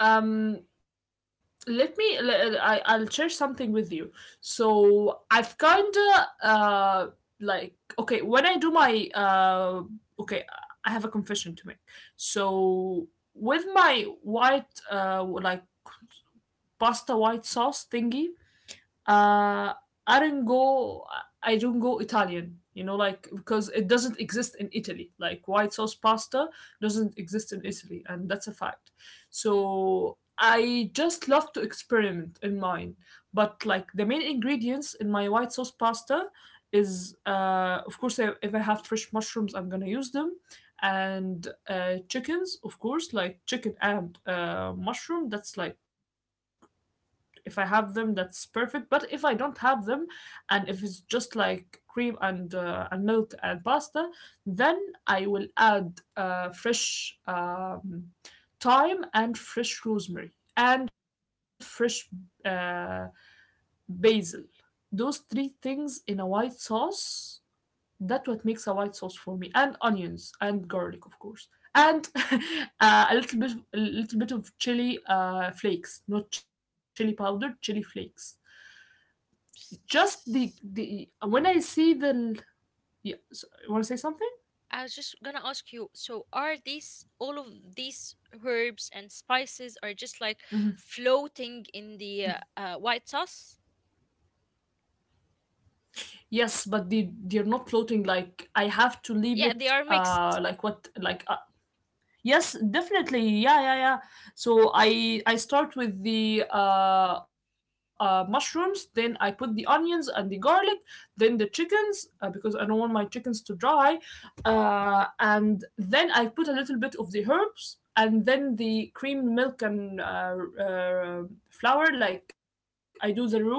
um let me I. i I, I'll share something with you so I've kind of uh like okay when I do my uh okay I have a confession to make so with my white uh like pasta white sauce thingy uh I don't go I don't go Italian, you know, like because it doesn't exist in Italy. Like white sauce pasta doesn't exist in Italy, and that's a fact. Hmm. So I just love to experiment in mine. But like the main ingredients in my white sauce pasta is uh of course I, if I have fresh mushrooms I'm gonna use them and uh chickens of course like chicken and uh mushroom that's like if I have them, that's perfect. But if I don't have them, and if it's just like cream and uh, and milk and pasta, then I will add uh, fresh um, thyme and fresh rosemary and fresh uh, basil. Those three things in a white sauce. That what makes a white sauce for me, and onions and garlic, of course, and (laughs) uh, a little bit, a little bit of chili uh, flakes, not chili powder, chili flakes. Just the S- the when I see the yeah, so- you want to say something? I was just gonna ask you, so are these all of these herbs and spices are just like floating in the uh, uh, white sauce? Yes, but they they're not floating. Like I have to leave Yeah, it. they are Uh, mixed. like what? Like uh, Yes, definitely. Yeah, yeah, yeah. So I I start with the uh, uh, mushrooms, then I put the onions and the garlic, then the chickens uh, because I don't want my chickens to dry, uh, and then I put a little bit of the herbs and then the cream, milk, and uh, uh, flour like I do the roux,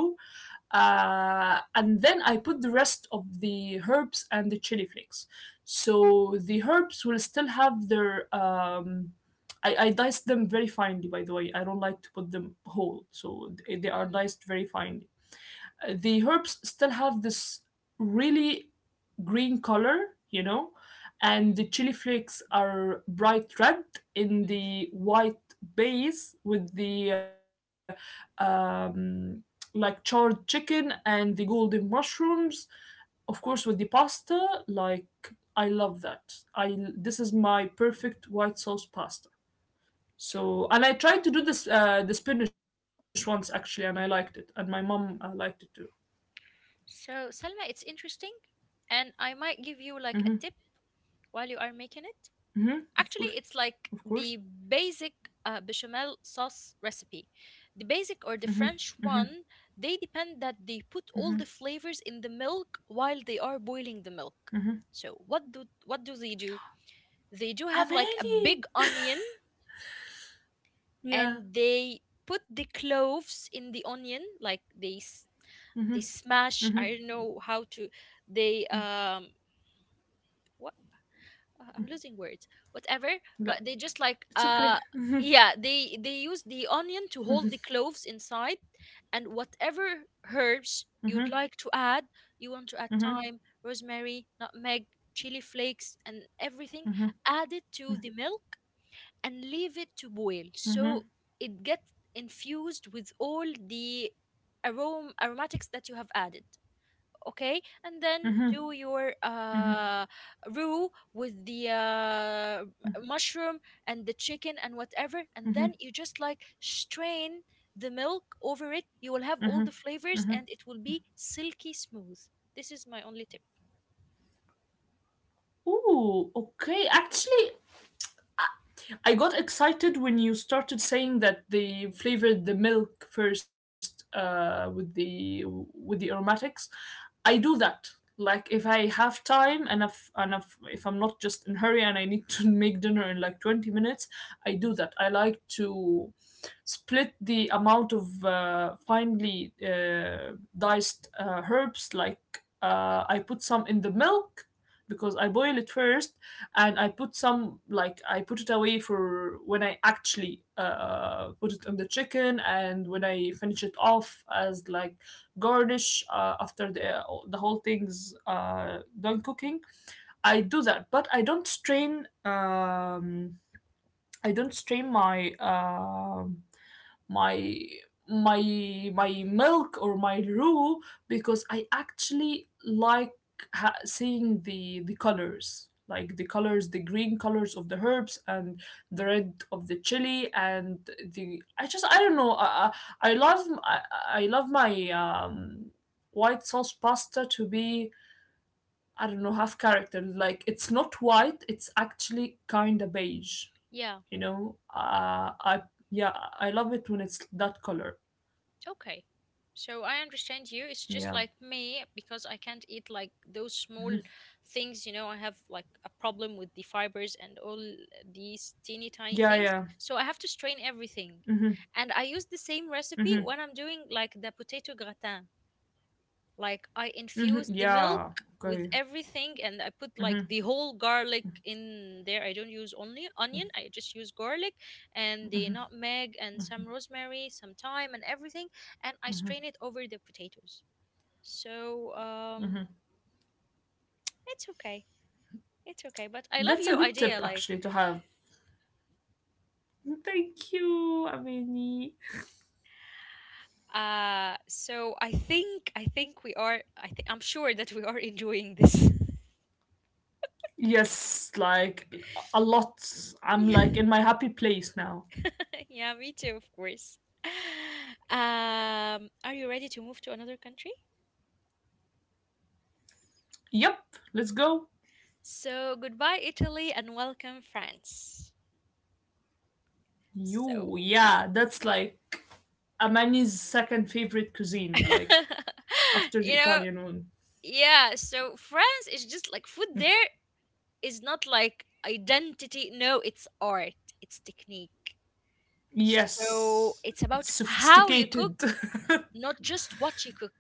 uh, and then I put the rest of the herbs and the chili flakes so the herbs will still have their. Um, I, I diced them very finely, by the way. I don't like to put them whole, so they they are Mhm, diced very finely. uh, the herbs still have this really green color, you know, and the chili flakes are bright red mhm, in the white base with mm. the um, like charred chicken and the golden mushrooms. Of course, with the pasta, like I love that. I this is my perfect white sauce pasta. So and I tried to do this uh, the spinach once actually, and I liked it, and my mom uh, liked it too. So, Salma, it's interesting, and I might give you like a Mm-hmm. tip while you are making it. Hmm. Of course. Actually, it's like Of course. the basic uh, bechamel sauce recipe. The basic or the French one, they depend that they put all the flavors in the milk while they are boiling the milk. So what do what do they do? They do I'm have like a ready. big onion Yeah. and they put the cloves in the onion like they s- they smash. I don't know how to, they um uh, I'm losing words, whatever. But But they just like it's okay. uh (laughs) yeah, they they use the onion to hold the cloves inside, and whatever Mm-hmm. herbs you'd like to add, you want to add Mm-hmm. thyme, rosemary, nutmeg, chili flakes, and everything. Add it to the milk and leave it to boil, so Mm-hmm. it gets infused with all the arom aromatics that you have added. Okay, and then do your Mm-hmm. uh roux with the uh mushroom and the chicken and whatever, and Mm-hmm. then you just like strain the milk over it. You will have all the flavors, and it will be silky smooth. This is my only tip. Ooh, okay. Actually, I got excited when you started saying that they flavored the milk first uh, with the with the aromatics. I do that. Like if I have time and if, and if, if I'm not just in hurry and I need to (laughs) make dinner in like twenty minutes, I do that. I like to split the amount of uh, finely uh, diced uh, herbs like uh, I put some in the milk because I boil it first and I put some like I put it away for when I actually uh, put it on the chicken and when I finish it off as like garnish uh, after the uh, the whole thing's uh, done cooking. I do that, but I don't strain. Um, I don't strain my um my my my milk or my roux because I actually like ha- seeing the the colors like the colors the green colors of the herbs and the red of the chili and the I just I don't know I I, I love I, I love my um white sauce pasta to be I don't know half character like it's not white it's actually kind of beige Yeah. you know uh, I yeah I love it when it's that color. Okay. So I understand you. It's just Yeah. like me because I can't eat like those small things, you know, I have like a problem with the fibers and all these teeny tiny Yeah, things. yeah. So I have to strain everything. Mhm, And I use the same recipe mhm, when I'm doing like the potato gratin. Like I mhm. infused the milk Yeah. with Okay. everything, and I put like Mhm. the whole garlic in there. I don't use only onion, I just use garlic and the nutmeg and some rosemary, some thyme and everything. And I strain it over the potatoes. So um it's okay, it's okay, but I love That's a your good idea. tip Like actually to have. Thank you, Amini. uh so i think i think we are i think I'm sure that we are enjoying this. Yes, like a lot. (laughs) I'm like Yeah. in my happy place now. (laughs) Yeah, me too, of course. (laughs) Um, are you ready to move to another country? Yep, let's go. So, goodbye, Italy, and welcome, France. You, So, yeah, that's like Amani's second favorite cuisine, (laughs) like after the you know, Italian one. yeah, so France is just like food, there is not like identity. No, it's art, it's technique. So, Yes, it's it's about how you sophisticated. (laughs) cook, not just what you cook.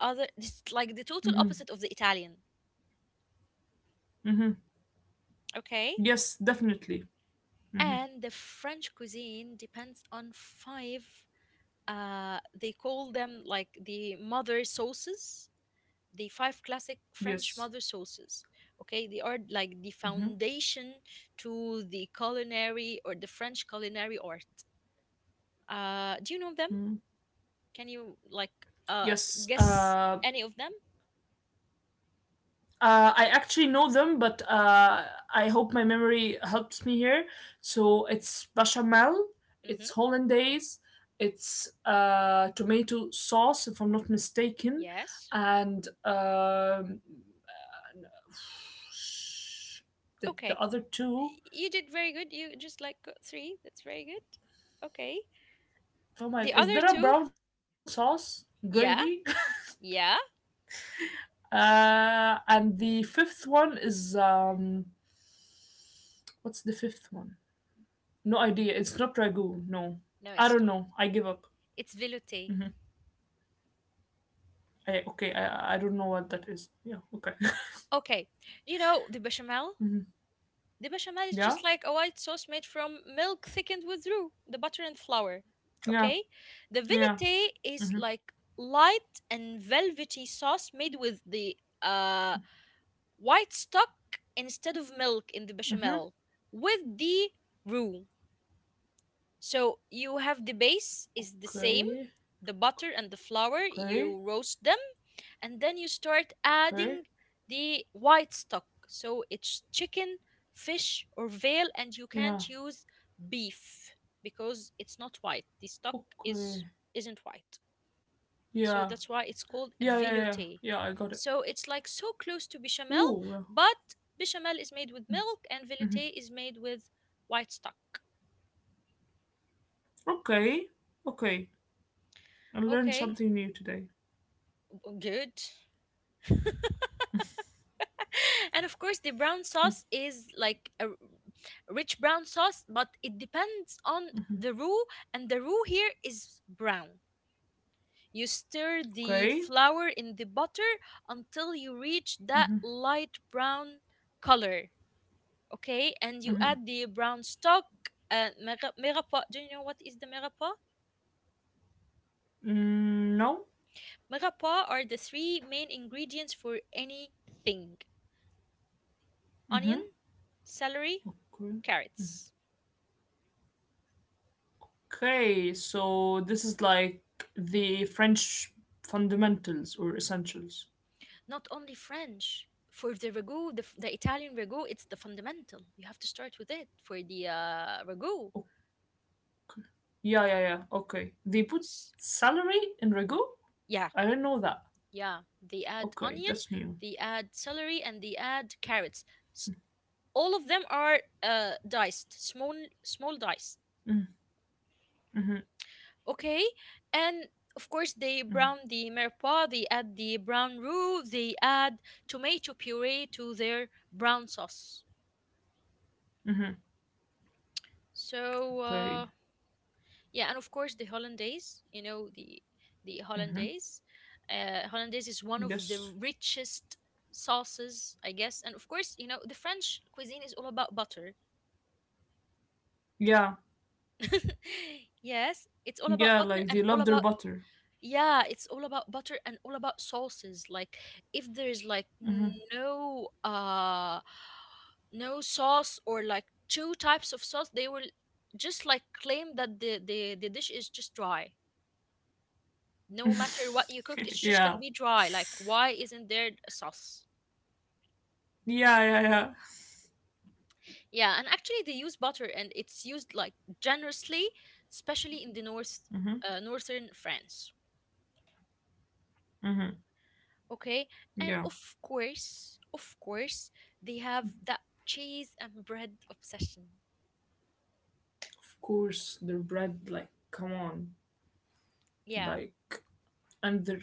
Other, it's like the total Hmm. opposite of the Italian. Hmm. Okay? Yes, definitely. And the French cuisine depends on five. Uh, they call them like the mother sauces, the five classic French Yes. mother sauces. Okay, they are like the Mm-hmm. foundation to the culinary or the French culinary art. Uh, do you know them? Mm-hmm. Can you like uh Yes. guess Uh, any of them? uh, I actually know them, but uh, I hope my memory helps me here. So it's bechamel, Mm-hmm. it's hollandaise, it's uh, tomato sauce, if I'm not mistaken, Yes. and um, the, Okay. the other two. You did very good. You just like got three. That's very good. Okay. The Oh other my! Is two, there a brown sauce yeah, gravy? yeah. (laughs) uh, and the fifth one is um, what's the fifth one? No idea. It's not ragu. No, No, I it's don't not. know. I give up. It's velouté. I, okay, I I don't know what that is. Yeah. Okay. Okay. You know the bechamel? (laughs) Hmm. The bechamel is Yeah. just like a white sauce made from milk thickened with roux, the butter and flour. Yeah. Okay? The Yeah. velouté is Hmm. like light and velvety sauce made with the uh white stock instead of milk in the Hmm. bechamel with the roux. So you have the base is the same, Okay. the butter and the flour, you Okay. roast them, and then you start Okay. adding the white stock, so it's chicken, fish or veal, and you Yeah. can't use beef because it's not white, the stock Okay. is isn't white. Yeah. So that's why Yeah. Yeah. it's Yeah. called Yeah. a Yeah, I got velouté. it. So it's like so close to Ooh. bechamel, Yeah. but bechamel is made with milk and Hmm. velouté is made with white stock. Okay. Okay. I learned Okay, something new today. good. (laughs) And of course the brown sauce is like a r- rich brown sauce, but it depends on the roux, and the roux here is brown. You stir the Okay. flour in the butter until you reach that light brown color. Okay, and you add the brown stock, and mera megapa. Do you know what is the megapa? Mm, no. Megapa are the three main ingredients for anything: onion, celery, Okay. carrots. Okay. So this is like the French fundamentals or essentials. Not only French. For the ragu, the, f- the Italian ragu, it's the fundamental. You have to start with it for the uh, ragu. Oh, yeah, yeah, yeah. Okay. They put S- celery in ragu? yeah, I didn't know that. yeah. They add Okay, onion, that's new. they add celery, and they add carrots. S- all of them are uh, diced, small, small diced. Mm-hmm, Okay, and of course they brown the mirepoix. They add the brown roux. They add tomato puree to their brown sauce. mm-hmm. So. Okay. Uh, Yeah, and of course the hollandaise, you know, the the hollandaise. Uh, Hollandaise is one of the Yes. richest sauces, I guess. And of course, you know, the French cuisine is all about butter. Yeah. (laughs) Yes, it's all about Yeah, butter like and they all love their about butter. yeah, it's all about butter and all about sauces. Like if there's like no uh no sauce or like two types of sauce, they will just like claim that the the, the dish is just dry. No matter what you cooked, (laughs) it's just gonna yeah. be dry. Like why isn't there a sauce? Yeah, yeah, yeah. Yeah, and actually they use butter and it's used like generously, especially in the north, uh, northern France. Okay, and Yeah. of course of course they have that cheese and bread obsession. Of course, their bread, like, come on. yeah Like, and their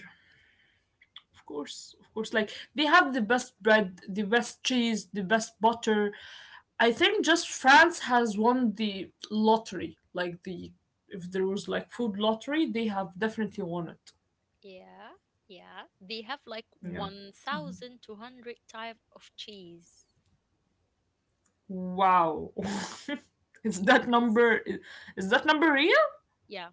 of course, of course. Like they have the best bread, the best cheese, the best butter. I think just France has won the lottery. Like the if there was like food lottery, they have definitely won it. yeah yeah they have like Yeah. one thousand two hundred type of cheese. Wow. (laughs) is that yes number i- is that number real? yeah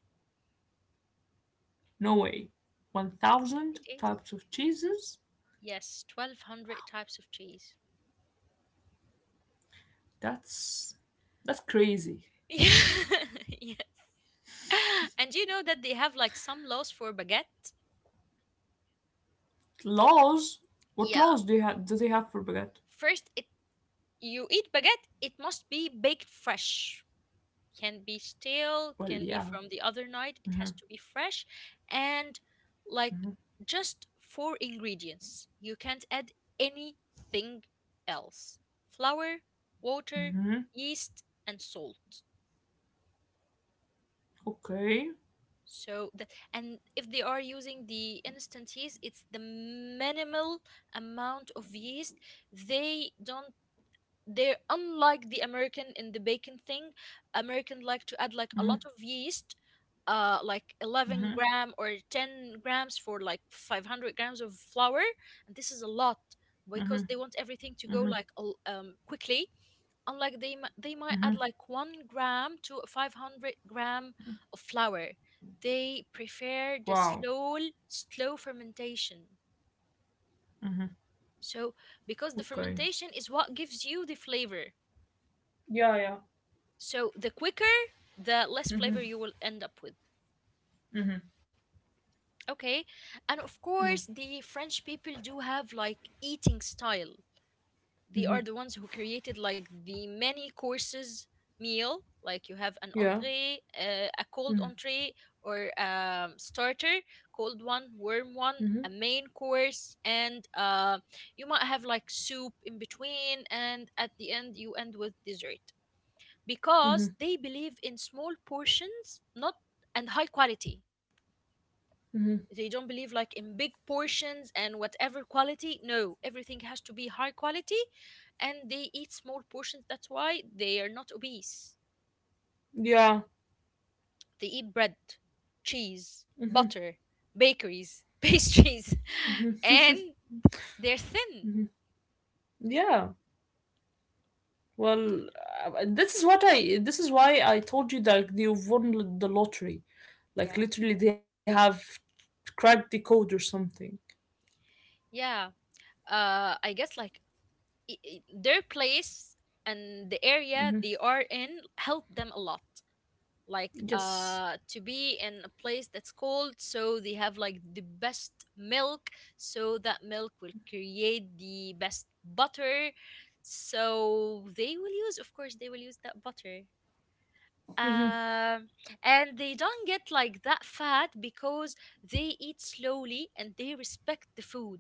No way. one thousand it is types of cheeses? yes twelve hundred types of cheese. That's that's crazy. Yeah. (laughs) Yeah. And you know that they have like some laws for baguette? Laws? What Yeah. laws do you have do they have for baguette? First, it you eat baguette, it must be baked fresh. Can be stale, Well, can be yeah. from the other night. It has to be fresh and like just four ingredients. You can't add anything else. Flour, water, Mhm. yeast, and salt. Okay. So the, and if they are using the instant yeast, it's the minimal amount of yeast. They don't They're unlike the American in the bacon thing. American like to add like a Mhm. lot of yeast, uh like eleven Mhm. gram or ten grams for like five hundred grams of flour, and this is a lot because they want everything to go like a l- um quickly. And like they mi- they might add like one gram to five hundred gram of flour. They prefer the Wow. slow, slow fermentation, so because the fermentation Okay. is what gives you the flavor. Yeah, yeah. So the quicker, the less flavor you will end up with. Okay, and of course the Yeah. French people do have like eating style. They are the ones who Mhm. created like the many courses meal. Like you have an entree, Yeah. uh, a cold entree, or um, starter, cold one, warm one, a Mhm. main course, and uh, you might have like soup in between, and at the end you end with dessert. Because they believe in small portions, not and high quality. They don't believe like in big portions and whatever quality. No, everything has to be high quality, and they eat small portions. That's why they are not obese. Yeah. They eat bread, cheese, butter, bakeries, (laughs) pastries, and they're thin. Yeah. Well, uh, this is what I this is why I told you that they've won l- the lottery. Yeah. Like literally they have cracked the code or something. Yeah uh I guess like i- i- their place and the area they are in help them a lot. Like uh Yes. to be in a place that's cold, so they have like the best milk. So that milk will create the best butter, so they will use, of course they will use that butter. um and they don't get like that fat because they eat slowly and they respect the food.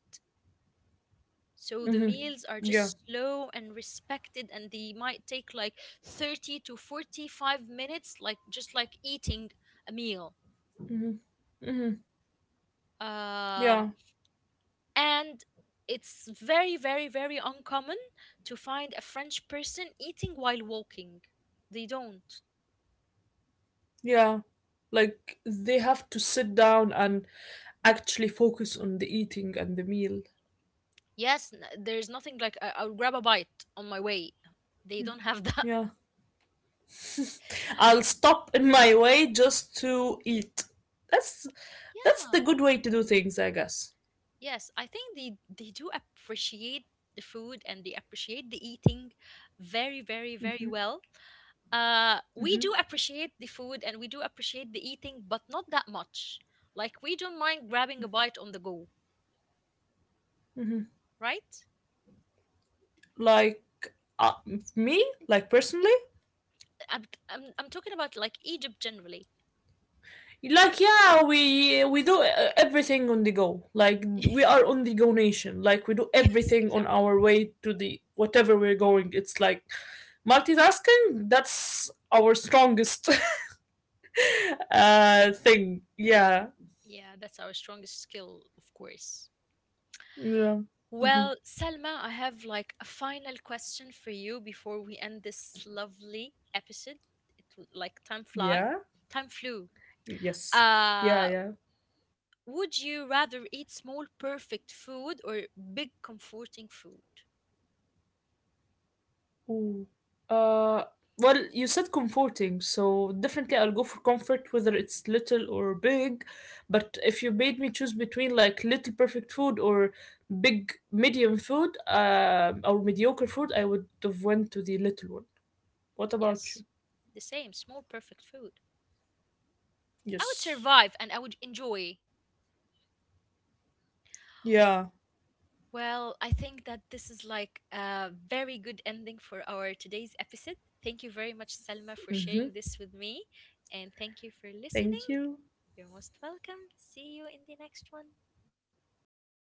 So the meals are Yeah. just slow and respected, and they might take like thirty to forty-five minutes like just like eating a meal. Um, Yeah. and it's very, very, very uncommon to find a French person eating while walking. They don't. Yeah. Like they have to sit down and actually focus on the eating and the meal. Yes, n- there's nothing like I- I'll grab a bite on my way. They don't have that. Yeah. (laughs) I'll stop in my way just to eat. That's that's the Yeah. good way to do things, I guess. Yes, I think they they do appreciate the food and they appreciate the eating very, very, very well. Uh, we do appreciate the food and we do appreciate the eating, but not that much. Like we don't mind grabbing a bite on the go, right? Like uh, me, like personally, I'm, I'm, I'm, talking about like Egypt generally. (laughs) like yeah, we we do uh, everything on the go. Like we are on the go nation. Like we do Yes, everything on exactly. our way to the whatever we're going. It's like multitasking. That's our strongest (laughs) uh thing. Yeah. Yeah, that's our strongest skill, of course. Yeah. Mhm. Well, Selma, I have like a final question for you before we end this lovely episode. It will like time fly, Yeah. time flew. Yes. Uh, Yeah. Yeah. would you rather eat small perfect food or big comforting food? Ooh. Uh, well, you said comforting, so definitely I'll go for comfort, whether it's little or big. But if you made me choose between like little perfect food or big medium food, um, or mediocre food, I would have went to the little one. What about you? Yes, the same, small perfect food. I would Yes. survive and I would enjoy. Yeah. Well, I think that this is like a very good ending for our today's episode. Thank you very much, Selma, for Mm-hmm. sharing this with me. And thank you for listening. Thank you. You're most welcome. See you in the next one.